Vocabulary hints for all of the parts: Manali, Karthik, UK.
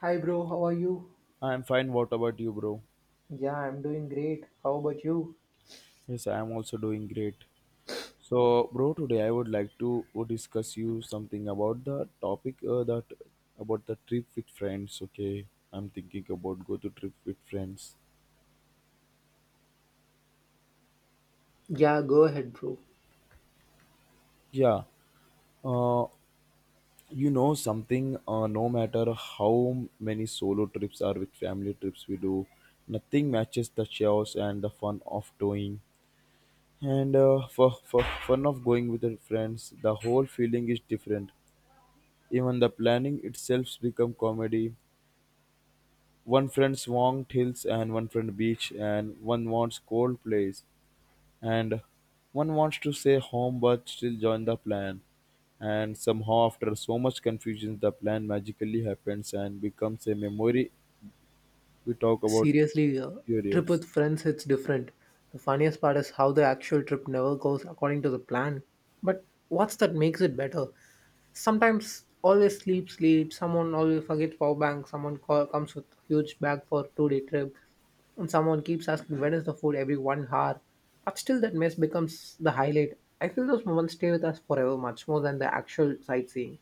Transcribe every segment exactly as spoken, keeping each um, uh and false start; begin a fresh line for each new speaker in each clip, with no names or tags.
Hi, bro. How are you?
I'm fine. What about you, bro?
Yeah, I'm doing great. How about you?
Yes, I am also doing great. So, bro, today I would like to discuss you something about the topic uh, that about the trip with friends. Okay, I'm thinking about go to trip with friends.
Yeah, go ahead, bro.
Yeah, uh, you know something. Uh, no matter how many solo trips or with family trips we do, nothing matches the chaos and the fun of doing. And uh, for, for fun of going with your friends, the whole feeling is different. Even the planning itself become comedy. One friend wants hills and one friend beach and one wants cold place, and one wants to stay home but still join the plan. And somehow after so much confusion the plan magically happens and becomes a memory we talk about
Seriously, uh, trip
periods.
with friends, it's different. The funniest part is how the actual trip never goes according to the plan. But what's that makes it better? Sometimes always sleep, sleep. Someone always forgets power bank. Someone co- comes with huge bag for two day trip, and someone keeps asking when is the food every one hour. But still, that mess becomes the highlight. I feel those moments stay with us forever, much more than the actual sightseeing.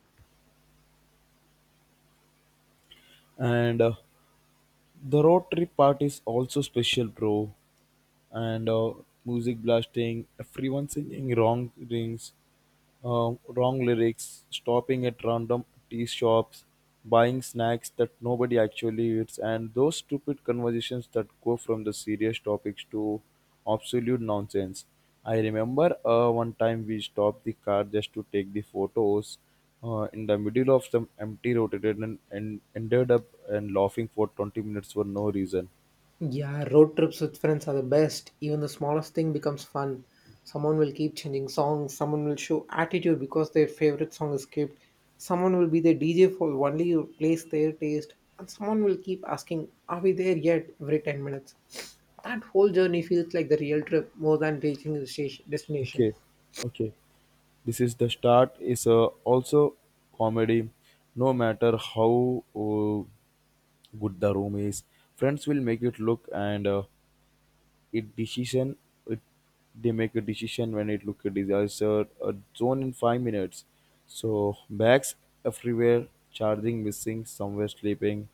And uh, the road trip part is also special, bro. And uh, music blasting, everyone singing wrong things, um, wrong lyrics, stopping at random tea shops, buying snacks that nobody actually eats, and those stupid conversations that go from the serious topics to absolute nonsense. I remember uh, one time we stopped the car just to take the photos uh, in the middle of some empty road and, and ended up and laughing for twenty minutes for no reason.
Yeah, road trips with friends are the best. Even the smallest thing becomes fun. Someone will keep changing songs, someone will show attitude because their favorite song is skipped, someone will be the D J for only you place their taste, and someone will keep asking, are we there yet? Every ten minutes. That whole journey feels like the real trip more than reaching the station, destination.
Okay, okay. This is the start is uh, also comedy. No matter how uh, good the room is, friends will make it look and uh, it decision. It, they make a decision when it look a disaster. A zone in five minutes. So bags everywhere, charging missing, somewhere sleeping.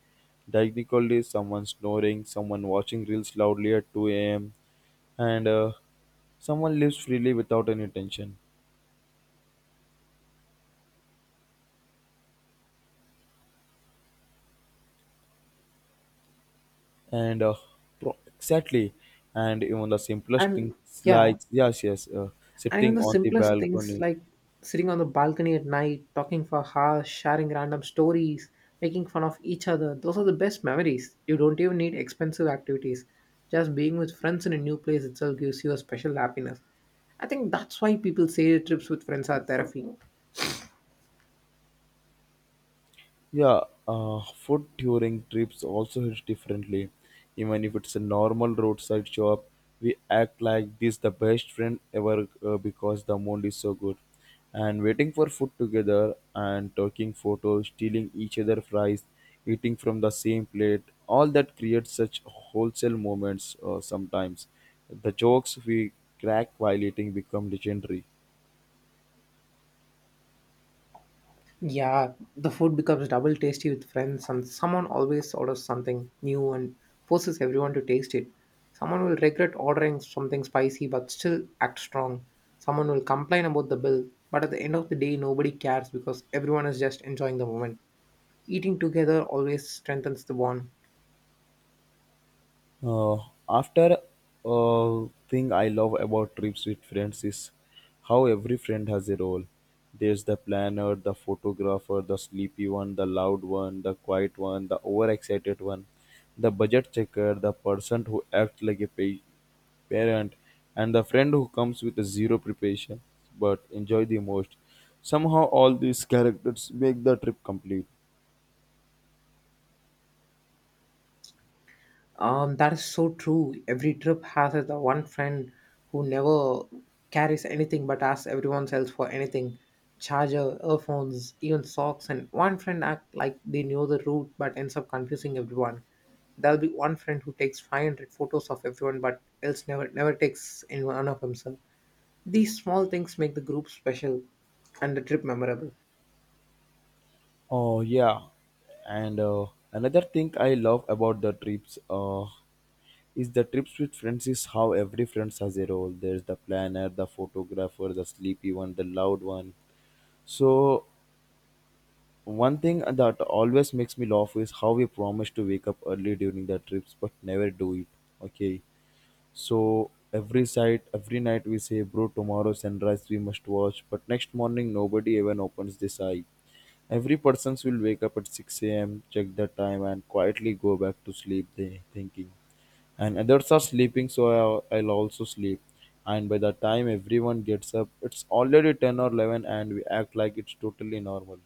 Technically, someone snoring, someone watching reels loudly at two a m And uh, someone lives freely without any tension. and uh, pro- exactly, and even the simplest
And
things
yeah,
like yes yes uh,
and even
sitting
the
on the
simplest things
balcony.
like sitting on the balcony at night, talking for hours, sharing random stories, making fun of each other, those are the best memories. You don't even need expensive activities. Just being with friends in a new place itself gives you a special happiness. I think that's why people say trips with friends are therapy.
Yeah, uh, food during trips also hits differently. Even if it's a normal roadside shop, we act like this the best friend ever uh, because the amount is so good. And waiting for food together and taking photos, stealing each other fries, eating from the same plate, all that creates such wholesale moments uh, sometimes. The jokes we crack while eating become legendary.
Yeah, the food becomes double tasty with friends, and someone always orders something new and forces everyone to taste it. Someone will regret ordering something spicy but still act strong. Someone will complain about the bill, but at the end of the day, nobody cares because everyone is just enjoying the moment. Eating together always strengthens the bond.
Uh, after uh, Thing I love about trips with friends is how every friend has a role. There's the planner, the photographer, the sleepy one, the loud one, the quiet one, the overexcited one, the budget checker, the person who acts like a pa- parent, and the friend who comes with a zero preparation but enjoy the most. Somehow all these characters make the trip complete.
Um, that is so true. Every trip has the one friend who never carries anything but asks everyone else for anything, charger, earphones, even socks. And one friend act like they know the route but ends up confusing everyone. There'll be one friend who takes five hundred photos of everyone but else never never takes any one of himself. These small things make the group special and the trip memorable.
Oh yeah, and uh, another thing I love about the trips uh, is the trips with friends is how every friend has a role. There's the planner, the photographer, the sleepy one, the loud one. So one thing that always makes me laugh is how we promise to wake up early during the trips but never do it. Okay, so every site, every night we say, bro, tomorrow sunrise we must watch. But next morning nobody even opens this eye. Every persons will wake up at six a m, check the time, and quietly go back to sleep. They thinking, and others are sleeping, so I'll, I'll also sleep. And by the time everyone gets up, it's already ten or eleven, and we act like it's totally normal.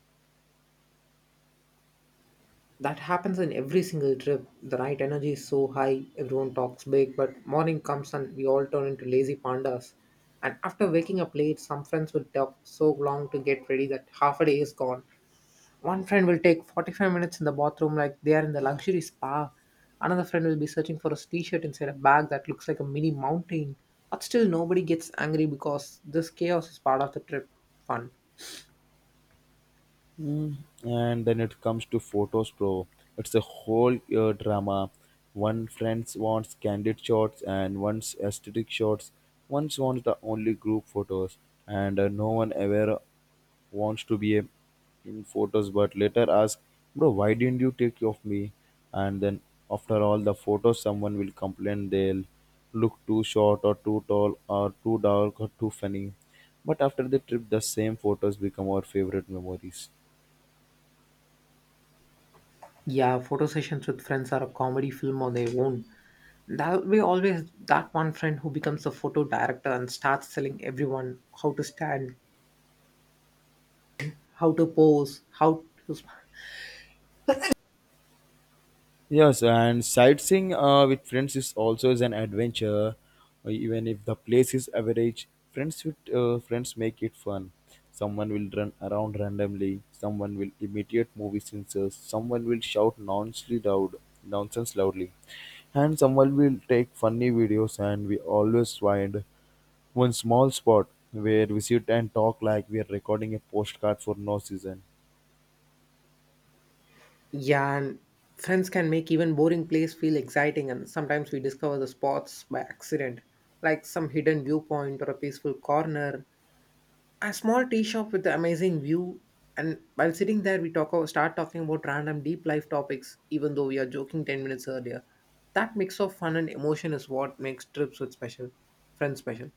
That happens in every single trip. The night energy is so high, everyone talks big, but morning comes and we all turn into lazy pandas. And after waking up late, some friends will talk so long to get ready that half a day is gone. One friend will take forty-five minutes in the bathroom like they are in the luxury spa. Another friend will be searching for a t shirt inside a bag that looks like a mini mountain. But still, nobody gets angry because this chaos is part of the trip fun.
Mm, and then it comes to photos, bro. It's a whole uh, drama. One friend wants candid shots and one's aesthetic shots, one wants the only group photos, and uh, no one ever wants to be a, in photos but later ask, bro, why didn't you take of me? And then after all the photos someone will complain they'll look too short or too tall or too dark or too funny, but after the trip the same photos become our favorite memories.
Yeah, photo sessions with friends are a comedy film on their own. There'll be always that one friend who becomes a photo director and starts telling everyone how to stand, how to pose, how to. sm-
Yes, and sightseeing uh, with friends is also is an adventure, uh, even if the place is average. Friends with uh, friends make it fun. Someone will run around randomly. Someone will imitate movie scenes. uh, Someone will shout nonsense loud, nonsense loudly, and someone will take funny videos. And we always find one small spot where we sit and talk like we are recording a postcard for no season.
Yeah, and friends can make even boring place feel exciting, and sometimes we discover the spots by accident, like some hidden viewpoint or a peaceful corner, a small tea shop with an amazing view. And while sitting there, we talk start talking about random deep life topics, even though we are joking ten minutes earlier. That mix of fun and emotion is what makes trips with special friends special.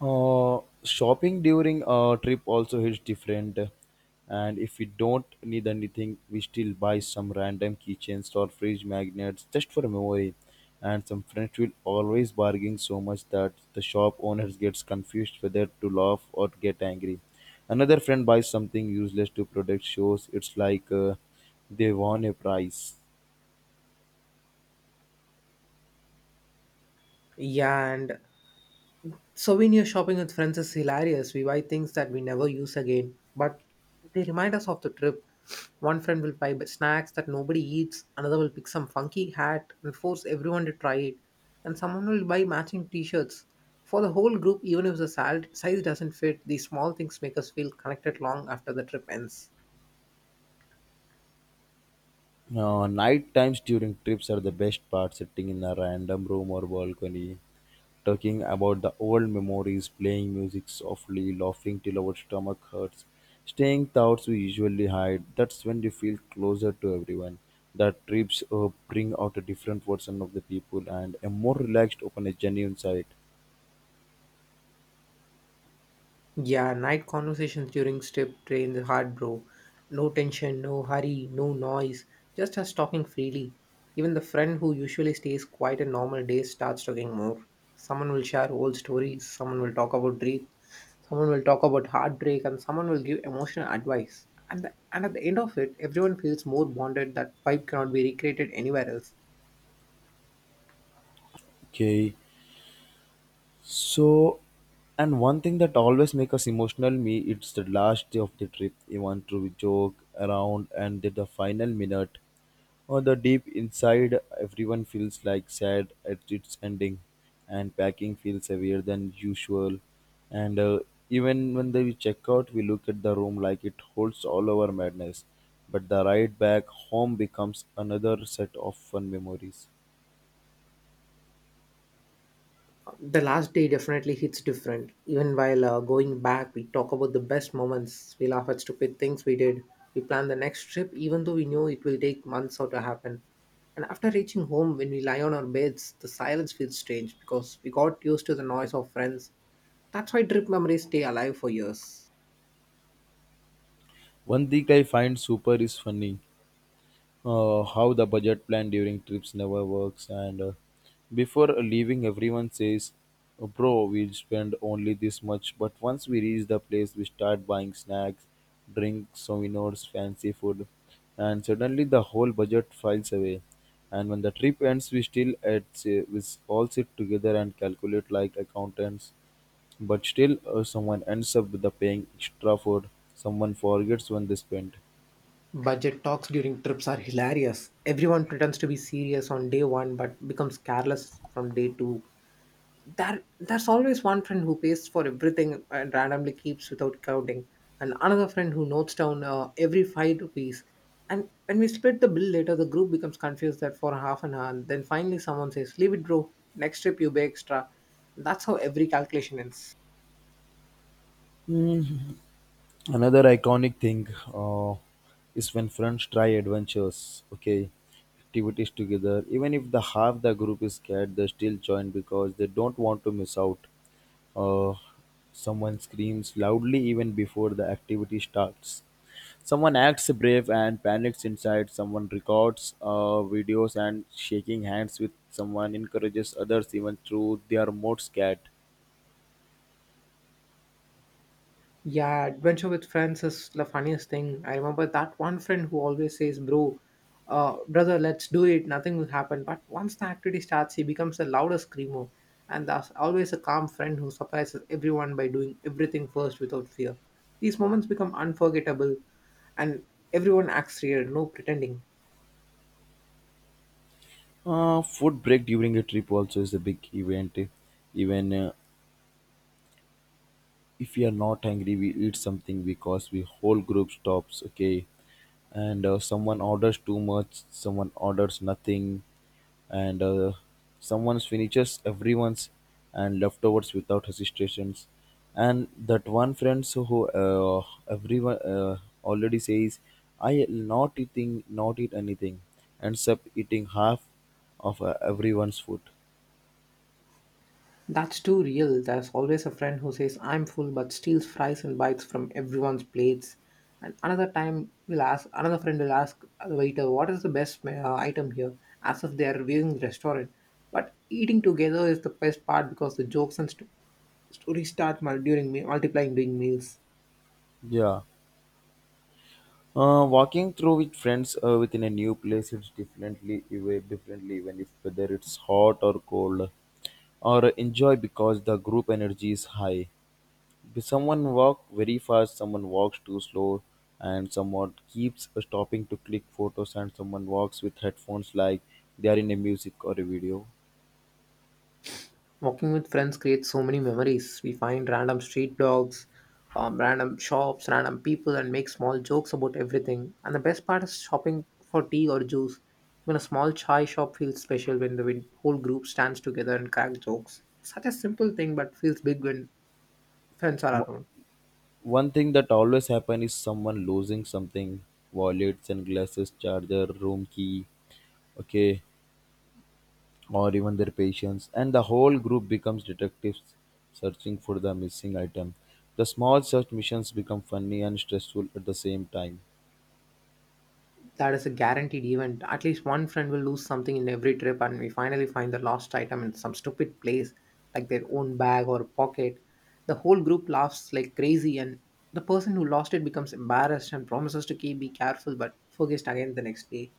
Uh, shopping during a trip also is different. And if we don't need anything, we still buy some random keychains or fridge magnets just for memory. And some friends will always bargain so much that the shop owners gets confused whether to laugh or get angry. Another friend buys something useless to protect shows. It's like uh, they won a prize.
Yeah, and souvenir shopping with friends is hilarious. We buy things that we never use again, but they remind us of the trip. One friend will buy snacks that nobody eats, another will pick some funky hat and force everyone to try it, and someone will buy matching t shirts. For the whole group, even if the sal- size doesn't fit, these small things make us feel connected long after the trip ends.
Uh, night times during trips are the best part, sitting in a random room or balcony talking about the old memories, playing music softly, laughing till our stomach hurts, staying thoughts we usually hide. That's when you feel closer to everyone. The trips uh, bring out a different version of the people and a more relaxed, open, a genuine side.
Yeah, night conversations during strip drain the heart, bro. No tension, no hurry, no noise, just us talking freely. Even the friend who usually stays quiet in normal days starts talking more. Someone will share old stories, someone will talk about dreams, someone will talk about heartbreak, and someone will give emotional advice. And, the, and at the end of it, everyone feels more bonded, that vibe cannot be recreated anywhere else.
Okay, so, and one thing that always make us emotional, me, it's the last day of the trip. You want to joke around, and then the final minute, or the deep inside, everyone feels like sad at its ending, and packing feels heavier than usual. And uh, even when they check out, we look at the room like it holds all our madness. But the ride back home becomes another set of fun memories.
The last day definitely hits different. Even while uh, going back, we talk about the best moments. We laugh at stupid things we did. We plan the next trip, even though we know it will take months out to happen. And after reaching home, when we lie on our beds, the silence feels strange because we got used to the noise of friends. That's why trip memories stay alive for years.
One thing I find super is funny. Uh, how the budget plan during trips never works, and uh, before leaving everyone says, "Oh, bro, we'll spend only this much," but once we reach the place we start buying snacks, drinks, souvenirs, fancy food, and suddenly the whole budget files away. And when the trip ends we still at we all sit together and calculate like accountants, but still uh, someone ends up with the paying extra for someone forgets when they spent.
Budget talks during trips are hilarious. Everyone pretends to be serious on day one but becomes careless from day two. that that's always one friend who pays for everything and randomly keeps without counting, and another friend who notes down uh, every five rupees, and when we split the bill later the group becomes confused that for half an hour, then finally someone says, leave it bro, next trip you pay extra. That's how every calculation ends.
Another iconic thing uh, is when friends try adventures, okay, activities together even if the half the group is scared they still join because they don't want to miss out. uh, Someone screams loudly even before the activity starts, someone acts brave and panics inside, someone records uh, videos and shaking hands with, someone encourages others even through they are more scared.
Yeah, adventure with friends is the funniest thing. I remember that one friend who always says, "Bro, uh, brother, let's do it. Nothing will happen." But once the activity starts, he becomes the loudest screamer, and there's always a calm friend who surprises everyone by doing everything first without fear. These moments become unforgettable, and everyone acts real, no pretending.
Uh, food break during a trip also is a big event. Even uh, if we are not hungry we eat something because we whole group stops, okay, and uh, someone orders too much, someone orders nothing, and uh, someone's finishes everyone's and leftovers without hesitations. And that one friend so who uh, everyone uh, already says, I not eating not eat anything, ends up eating half of uh, everyone's food.
That's too real. There's always a friend who says, I'm full, but steals fries and bites from everyone's plates. And another time, will ask another friend will ask the waiter, what is the best uh, item here? As if they are reviewing the restaurant. But eating together is the best part because the jokes and st- stories start mul- during me- multiplying during meals.
Yeah. Uh, walking through with friends uh, within a new place, it's differently, even differently, even if whether it's hot or cold, or enjoy because the group energy is high. If someone walk very fast, someone walks too slow, and someone keeps uh, stopping to click photos, and someone walks with headphones like they are in a music or a video.
Walking with friends creates so many memories. We find random street dogs, um, random shops, random people, and make small jokes about everything. And the best part is shopping for tea or juice. Even a small chai shop feels special when the win- whole group stands together and cracks jokes. Such a simple thing, but feels big when friends are
Mo-
around.
One thing that always happen is someone losing something, wallets and glasses, charger, room key. Okay, or even their patients, and the whole group becomes detectives searching for the missing item. The small search missions become funny and stressful at the same time.
That is a guaranteed event. At least one friend will lose something in every trip, and we finally find the lost item in some stupid place, like their own bag or pocket. The whole group laughs like crazy, and the person who lost it becomes embarrassed and promises to keep be careful but forgets again the next day.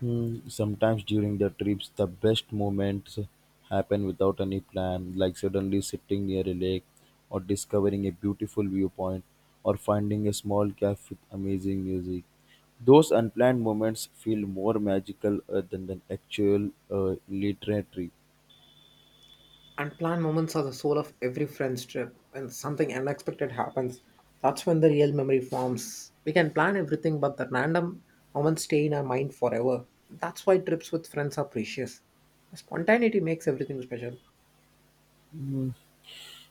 Hmm, sometimes during the trips, the best moments happen without any plan, like suddenly sitting near a lake, or discovering a beautiful viewpoint, or finding a small cafe with amazing music. Those unplanned moments feel more magical uh, than the actual uh, literary.
Unplanned moments are the soul of every friend's trip. When something unexpected happens, that's when the real memory forms. We can plan everything, but the random moments stay in our mind forever. That's why trips with friends are precious. The spontaneity makes everything special.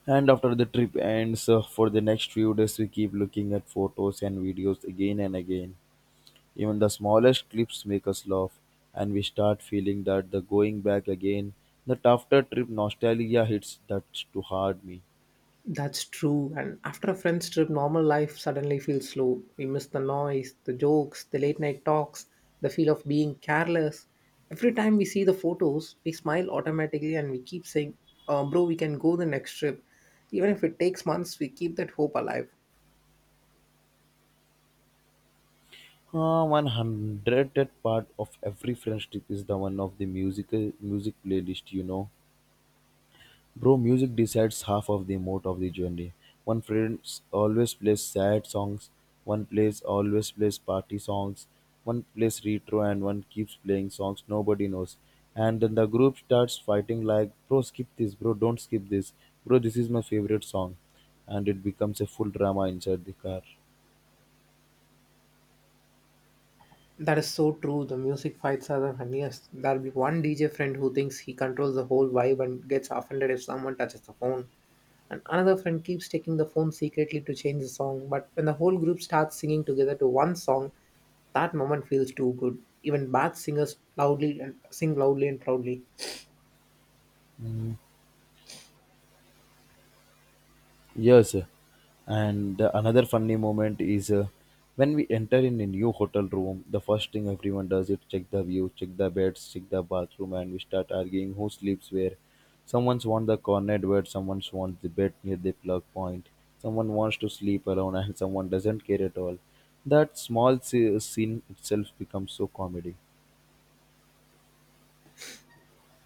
And after the trip ends, uh, for the next few days, we keep looking at photos and videos again and again. Even the smallest clips make us laugh, and we start feeling that the going back again, that after trip nostalgia hits that too hard me.
That's true. And after a friend's trip, normal life suddenly feels slow. We miss the noise, the jokes, the late night talks, the feel of being careless. Every time we see the photos, we smile automatically and we keep saying, uh, bro, we can go the next trip. Even if it takes months, we keep that hope alive.
Uh, one hundredth part of every French trip is the one of the musical music playlist, you know. Bro, music decides half of the mood of the journey. One friend always plays sad songs, one plays always plays party songs, one plays retro and one keeps playing songs nobody knows. And then the group starts fighting like, bro, skip this, bro, don't skip this, bro, this is my favorite song. And it becomes a full drama inside the car.
That is so true. The music fights are the funniest. There'll be one D J friend who thinks he controls the whole vibe and gets offended if someone touches the phone. And another friend keeps taking the phone secretly to change the song, but when the whole group starts singing together to one song, that moment feels too good. Even bad singers loudly and sing loudly and proudly.
Yes, and another funny moment is uh, when we enter in a new hotel room. The first thing everyone does is check the view, check the beds, check the bathroom, and we start arguing who sleeps where. Someone's wants the corner bed, someone wants the bed near the plug point, someone wants to sleep alone, and someone doesn't care at all. That small se- scene itself becomes so comedy.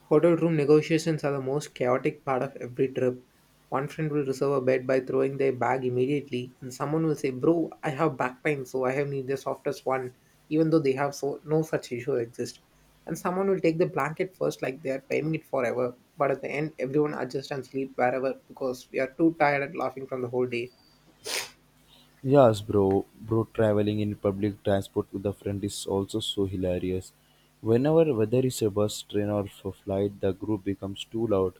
Hotel room negotiations are the most chaotic part of every trip. One friend will reserve a bed by throwing their bag immediately, and someone will say, bro, I have back pain, so I have need the softest one, even though they have so no such issue exist. And someone will take the blanket first, like they are paying it forever. But at the end, everyone adjusts and sleep wherever because we are too tired and laughing from the whole day.
Yes, bro, bro, traveling in public transport with a friend is also so hilarious. Whenever, whether it's a bus, train, or f- flight, the group becomes too loud.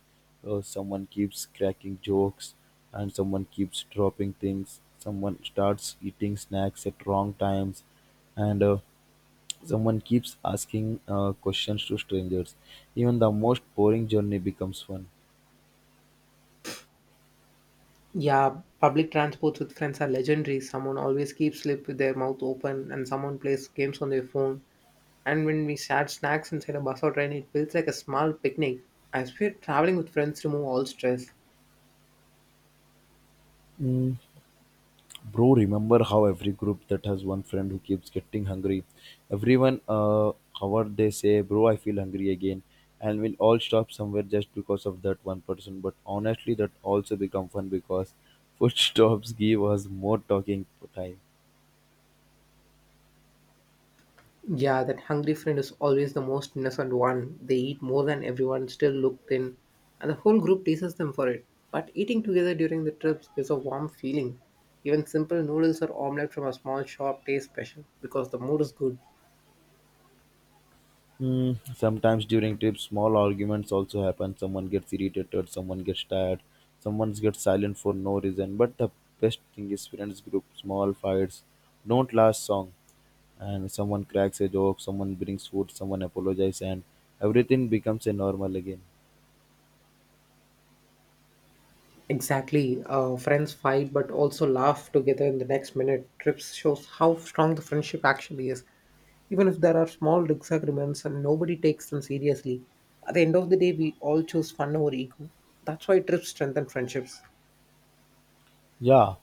Uh, someone keeps cracking jokes, and someone keeps dropping things. Someone starts eating snacks at wrong times, and uh, someone keeps asking uh, questions to strangers. Even the most boring journey becomes fun.
Yeah, public transports with friends are legendary. Someone always keeps lip with their mouth open, and someone plays games on their phone. And when we shared snacks inside a bus or train, it feels like a small picnic. As we're traveling with friends, remove all stress.
Bro, remember how every group that has one friend who keeps getting hungry? Everyone, uh, however, they say, Bro, I feel hungry again. And we'll all stop somewhere just because of that one person. But honestly, that also become fun because food stops give us more talking time.
Yeah, that hungry friend is always the most innocent one. They eat more than everyone, still look thin, and the whole group teases them for it. But eating together during the trips is a warm feeling. Even simple noodles or omelette from a small shop taste special because the mood is good.
Hmm, sometimes during trips, small arguments also happen. Someone gets irritated, someone gets tired, someone gets silent for no reason. But the best thing is friends group, small fights don't last long. And someone cracks a joke, someone brings food, someone apologizes, and everything becomes a normal again.
Exactly. Uh, friends fight but also laugh together in the next minute. Trips shows how strong the friendship actually is. Even if there are small disagreements and nobody takes them seriously at the end of the day we all choose fun over ego that's why trips strengthen friendships
Yeah,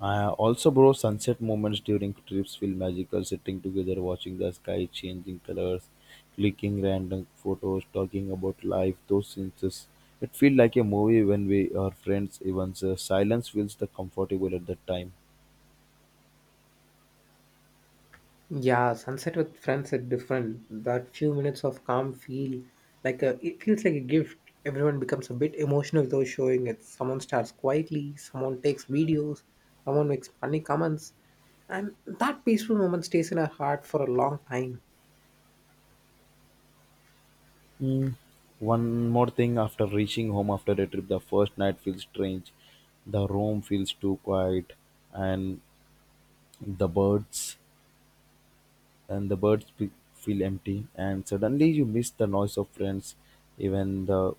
uh, also, bro, sunset moments during trips feel magical. Sitting together, watching the sky changing colors, clicking random photos, talking about life. Those scenes, is- it feel like a movie when we are friends. Even so, silence feels the comfortable at that time.
yeah sunset with friends is different that few minutes of calm feel like a, it feels like a gift everyone becomes a bit emotional without showing it someone starts quietly someone takes videos someone makes funny comments and that peaceful moment stays in our heart for a long time.
Mm. One more thing, after reaching home after a trip, the first night feels strange. The room feels too quiet, and the birds and the birds be- feel empty, and suddenly you miss the noise of friends. Even the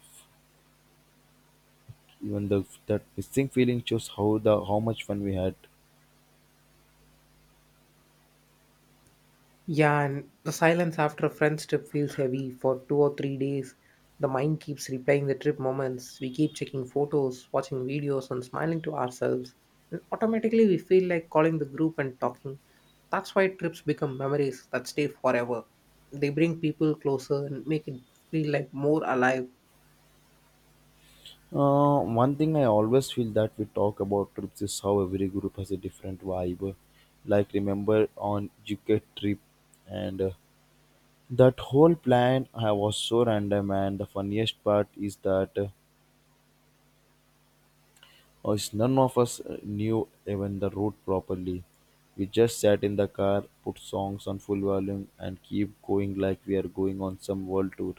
even the That missing feeling shows how the how much fun we had.
Yeah, and the silence after a friend's trip feels heavy for two or three days. The mind keeps replaying the trip moments. We keep checking photos, watching videos, and smiling to ourselves. And automatically, we feel like calling the group and talking. That's why trips become memories that stay forever. They bring people closer and make it feel like more alive.
Uh, one thing I always feel that we talk about trips is how every group has a different vibe. Like remember on U K trip, and uh, that whole plan I was so random. And the funniest part is that uh, as none of us uh, knew even the route properly, we just sat in the car, put songs on full volume, and keep going like we are going on some world tour.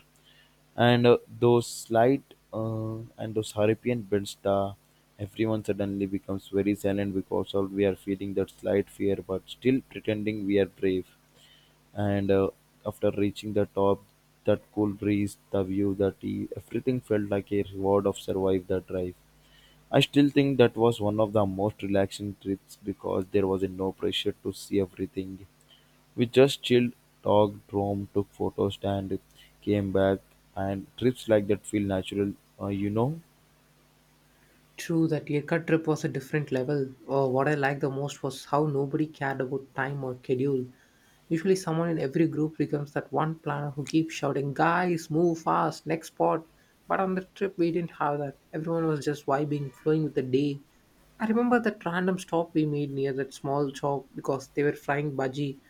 And uh, those slight uh, and those hurricane bends, the everyone suddenly becomes very silent because all we are feeling that slight fear, but still pretending we are brave. And uh, after reaching the top, that cool breeze, the view, the tea, everything felt like a reward of survive the drive. I still think that was one of the most relaxing trips because there was no pressure to see everything. We just chilled, talked, roamed, took photos, and came back. And trips like that feel natural, uh, you know.
True, that Lirka trip was a different level. Oh, what I liked the most was how nobody cared about time or schedule. Usually, someone in every group becomes that one planner who keeps shouting, "Guys, move fast, next spot." But on the trip, we didn't have that. Everyone was just vibing, flowing with the day. I remember that random stop we made near that small shop because they were frying bhaji,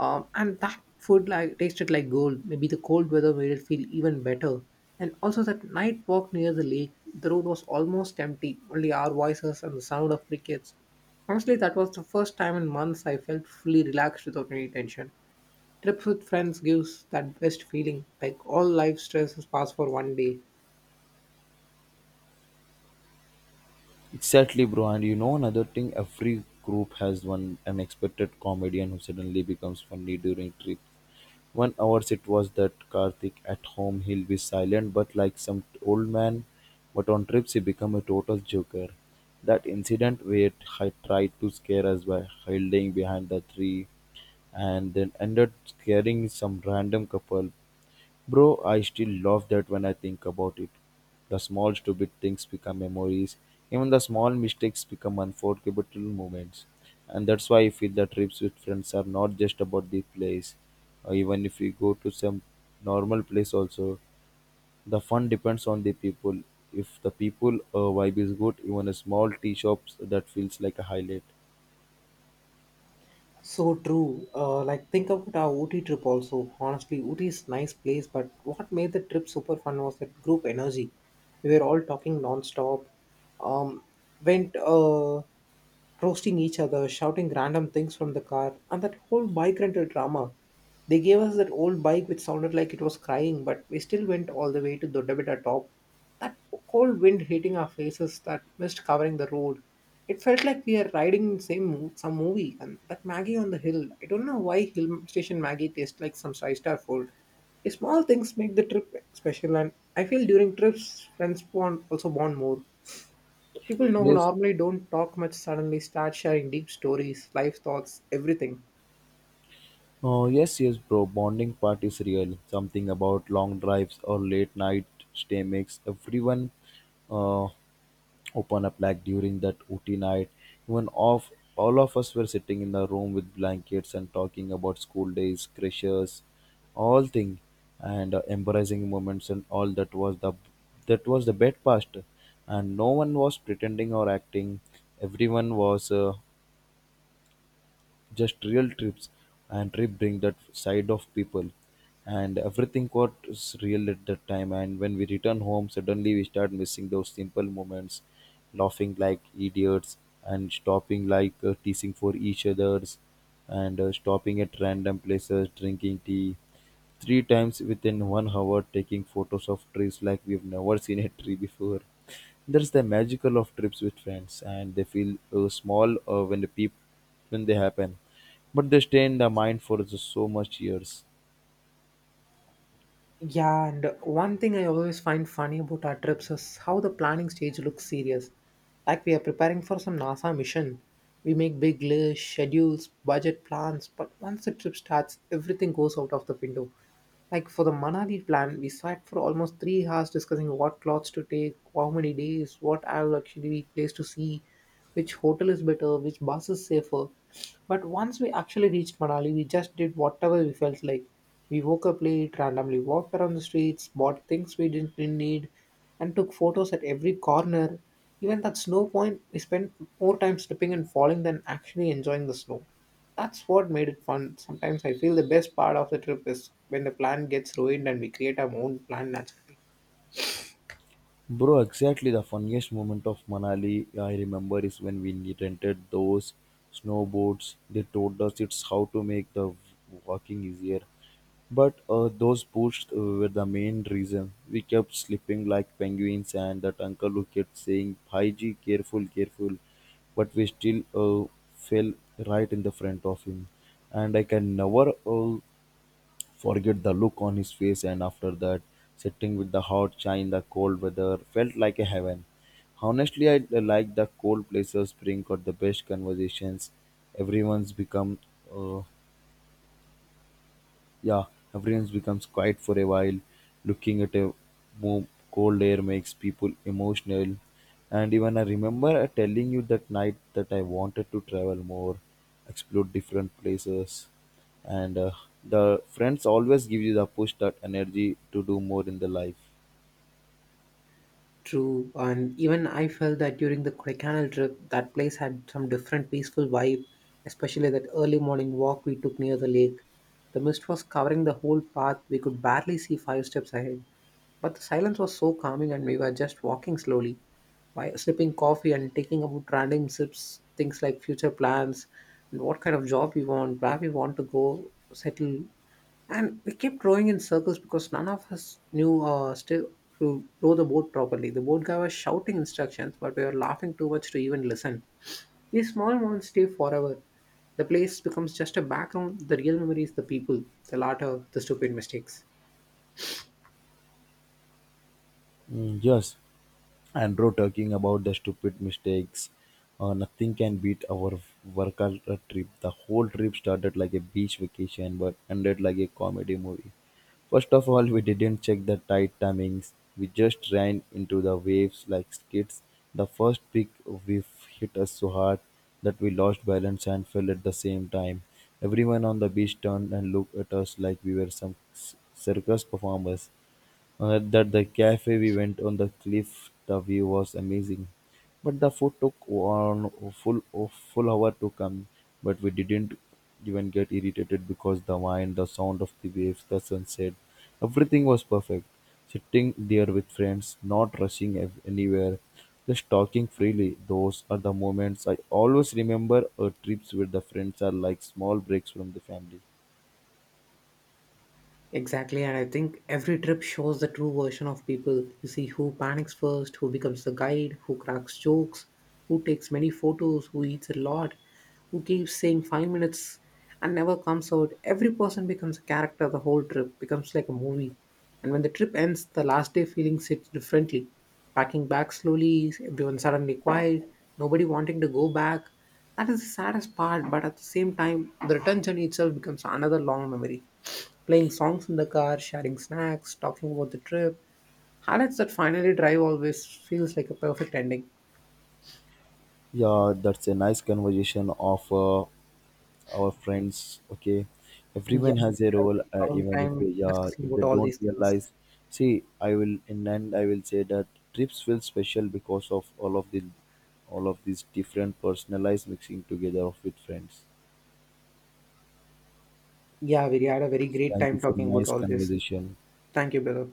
um, and that food like tasted like gold. Maybe the cold weather made it feel even better. And also that night walk near the lake, the road was almost empty, only our voices and the sound of crickets. Honestly, that was the first time in months I felt fully relaxed without any tension. Trips with friends gives that best feeling, like all life stresses pass for one day.
Exactly, bro. And you know another thing, every group has one unexpected comedian who suddenly becomes funny during trip. One hours it was that Karthik, at home he'll be silent but like some old man, but on trips he become a total joker. That incident where I tried to scare us by hiding behind the tree and then ended scaring some random couple. Bro, I still love that when I think about it. The small stupid things become memories. Even the small mistakes become unforgettable moments. And that's why I feel the trips with friends are not just about the place. Uh, even if we go to some normal place also, the fun depends on the people. If the people uh, vibe is good, even a small tea shops that feels like a highlight.
So true. Uh, like think about our Ooty trip also. Honestly, Ooty is nice place, but what made the trip super fun was that group energy. We were all talking non-stop. Um, went uh, Roasting each other, shouting random things from the car, and that whole bike rental drama. They gave us that old bike which sounded like it was crying, but we still went all the way to Dodabita top. That cold wind hitting our faces, that mist covering the road. It felt like we are riding in same mo- some movie, and that Maggie on the hill. I don't know why hill station Maggie tastes like some five star food. The small things make the trip special, and I feel during trips, friends bond also bond more. People know who
Yes,
normally don't talk much suddenly start sharing deep stories, life thoughts, everything.
oh, yes, yes, bro. Bonding part is real. Something about long drives or late night stay makes everyone uh, open up like during that O T night. Even off, all of us were sitting in the room with blankets and talking about school days, crushes, all thing, and uh, embarrassing moments and all. That was the that was the bed past, and no one was pretending or acting. Everyone was uh, just real. Trips and trip bring that side of people, and everything got s- real at that time. And when we return home, suddenly we start missing those simple moments, laughing like idiots, and stopping like uh, teasing for each others, and uh, stopping at random places, drinking tea three times within one hour, taking photos of trees like we've never seen a tree before. That's the magical of trips with friends, and they feel uh, small uh, when the people when they happen. But they stay in the mind for just so much years.
Yeah, and one thing I always find funny about our trips is how the planning stage looks serious. Like we are preparing for some NASA mission. We make big lists, schedules, budget plans, but once the trip starts, everything goes out of the window. Like for the Manali plan, we sat for almost three hours discussing what clothes to take, how many days, what I will actually be place to see, which hotel is better, which bus is safer. But once we actually reached Manali, we just did whatever we felt like. We woke up late, randomly walked around the streets, bought things we didn't really need, and took photos at every corner. Even at snow point, we spent more time slipping and falling than actually enjoying the snow. That's what made it fun. Sometimes I feel the best part of the trip is when the plan gets ruined and we create our own plan naturally.
Bro, exactly the funniest moment of Manali I remember is when we ne- rented those snowboards. They told us it's how to make the walking easier. But uh, those boots uh, were the main reason. We kept slipping like penguins, and that uncle who kept saying, Bhaiji, careful, careful. But we still uh, fell right in the front of him. And I can never uh, forget the look on his face. And after that, sitting with the hot chai in the cold weather felt like a heaven. Honestly, I like the cold places bring out the best conversations. Everyone's become, uh, yeah, everyone becomes quiet for a while. Looking at a mo- cold air makes people emotional. And even I remember telling you that night that I wanted to travel more, explore different places. And uh, the friends always give you the push, that energy to do more in the life.
True, and even I felt that during the Kodaikanal trip, that place had some different peaceful vibe, especially that early morning walk we took near the lake. The mist was covering the whole path, we could barely see five steps ahead, but the silence was so calming and we were just walking slowly, while sipping coffee and taking about random sips, things like future plans and what kind of job we want, where we want to go, settle. And we kept rowing in circles because none of us knew uh, still to row the boat properly. The boat guy was shouting instructions, but we were laughing too much to even listen. These small moments stay forever. The place becomes just a background. The real memory is the people, the laughter, the stupid mistakes.
Mm, yes. Andrew talking about the stupid mistakes. Uh, nothing can beat our workout uh, trip. The whole trip started like a beach vacation but ended like a comedy movie. First of all, we didn't check the tide timings. We just ran into the waves like skids. The first peak we hit us so hard that we lost balance and fell at the same time. Everyone on the beach turned and looked at us like we were some s- circus performers. At that the cafe we went on the cliff, the view was amazing. But the food took on full full hour to come, but we didn't even get irritated because the wine, the sound of the waves, the sunset, everything was perfect. Sitting there with friends, not rushing ev- anywhere, just talking freely. Those are the moments I always remember. Our trips with the friends are like small breaks from the family.
Exactly, and I think every trip shows the true version of people. You see who panics first, who becomes the guide, who cracks jokes, who takes many photos, who eats a lot, who keeps saying five minutes and never comes out. Every person becomes a character the whole trip, becomes like a movie. And when the trip ends, the last day feeling sits differently. Packing back slowly, everyone suddenly quiet, nobody wanting to go back. That is the saddest part, but at the same time, the return journey itself becomes another long memory. Playing songs in the car, sharing snacks, talking about the trip highlights that finally drive always feels like a perfect ending.
Yeah, that's a nice conversation of uh, our friends. Okay,
Yeah,
everyone has a
we had a
role,
very
uh,
long
even if
time
they are
discussing
if
about
they
all
don't
these things.
realize. See, I will in end, I will say that trips feel special because of all of the all of these different personalized mixing together of with friends.
Yeah, we had a very great
Thank you
time
for a
talking about
nice
all this.
conversation.
Thank you, brother.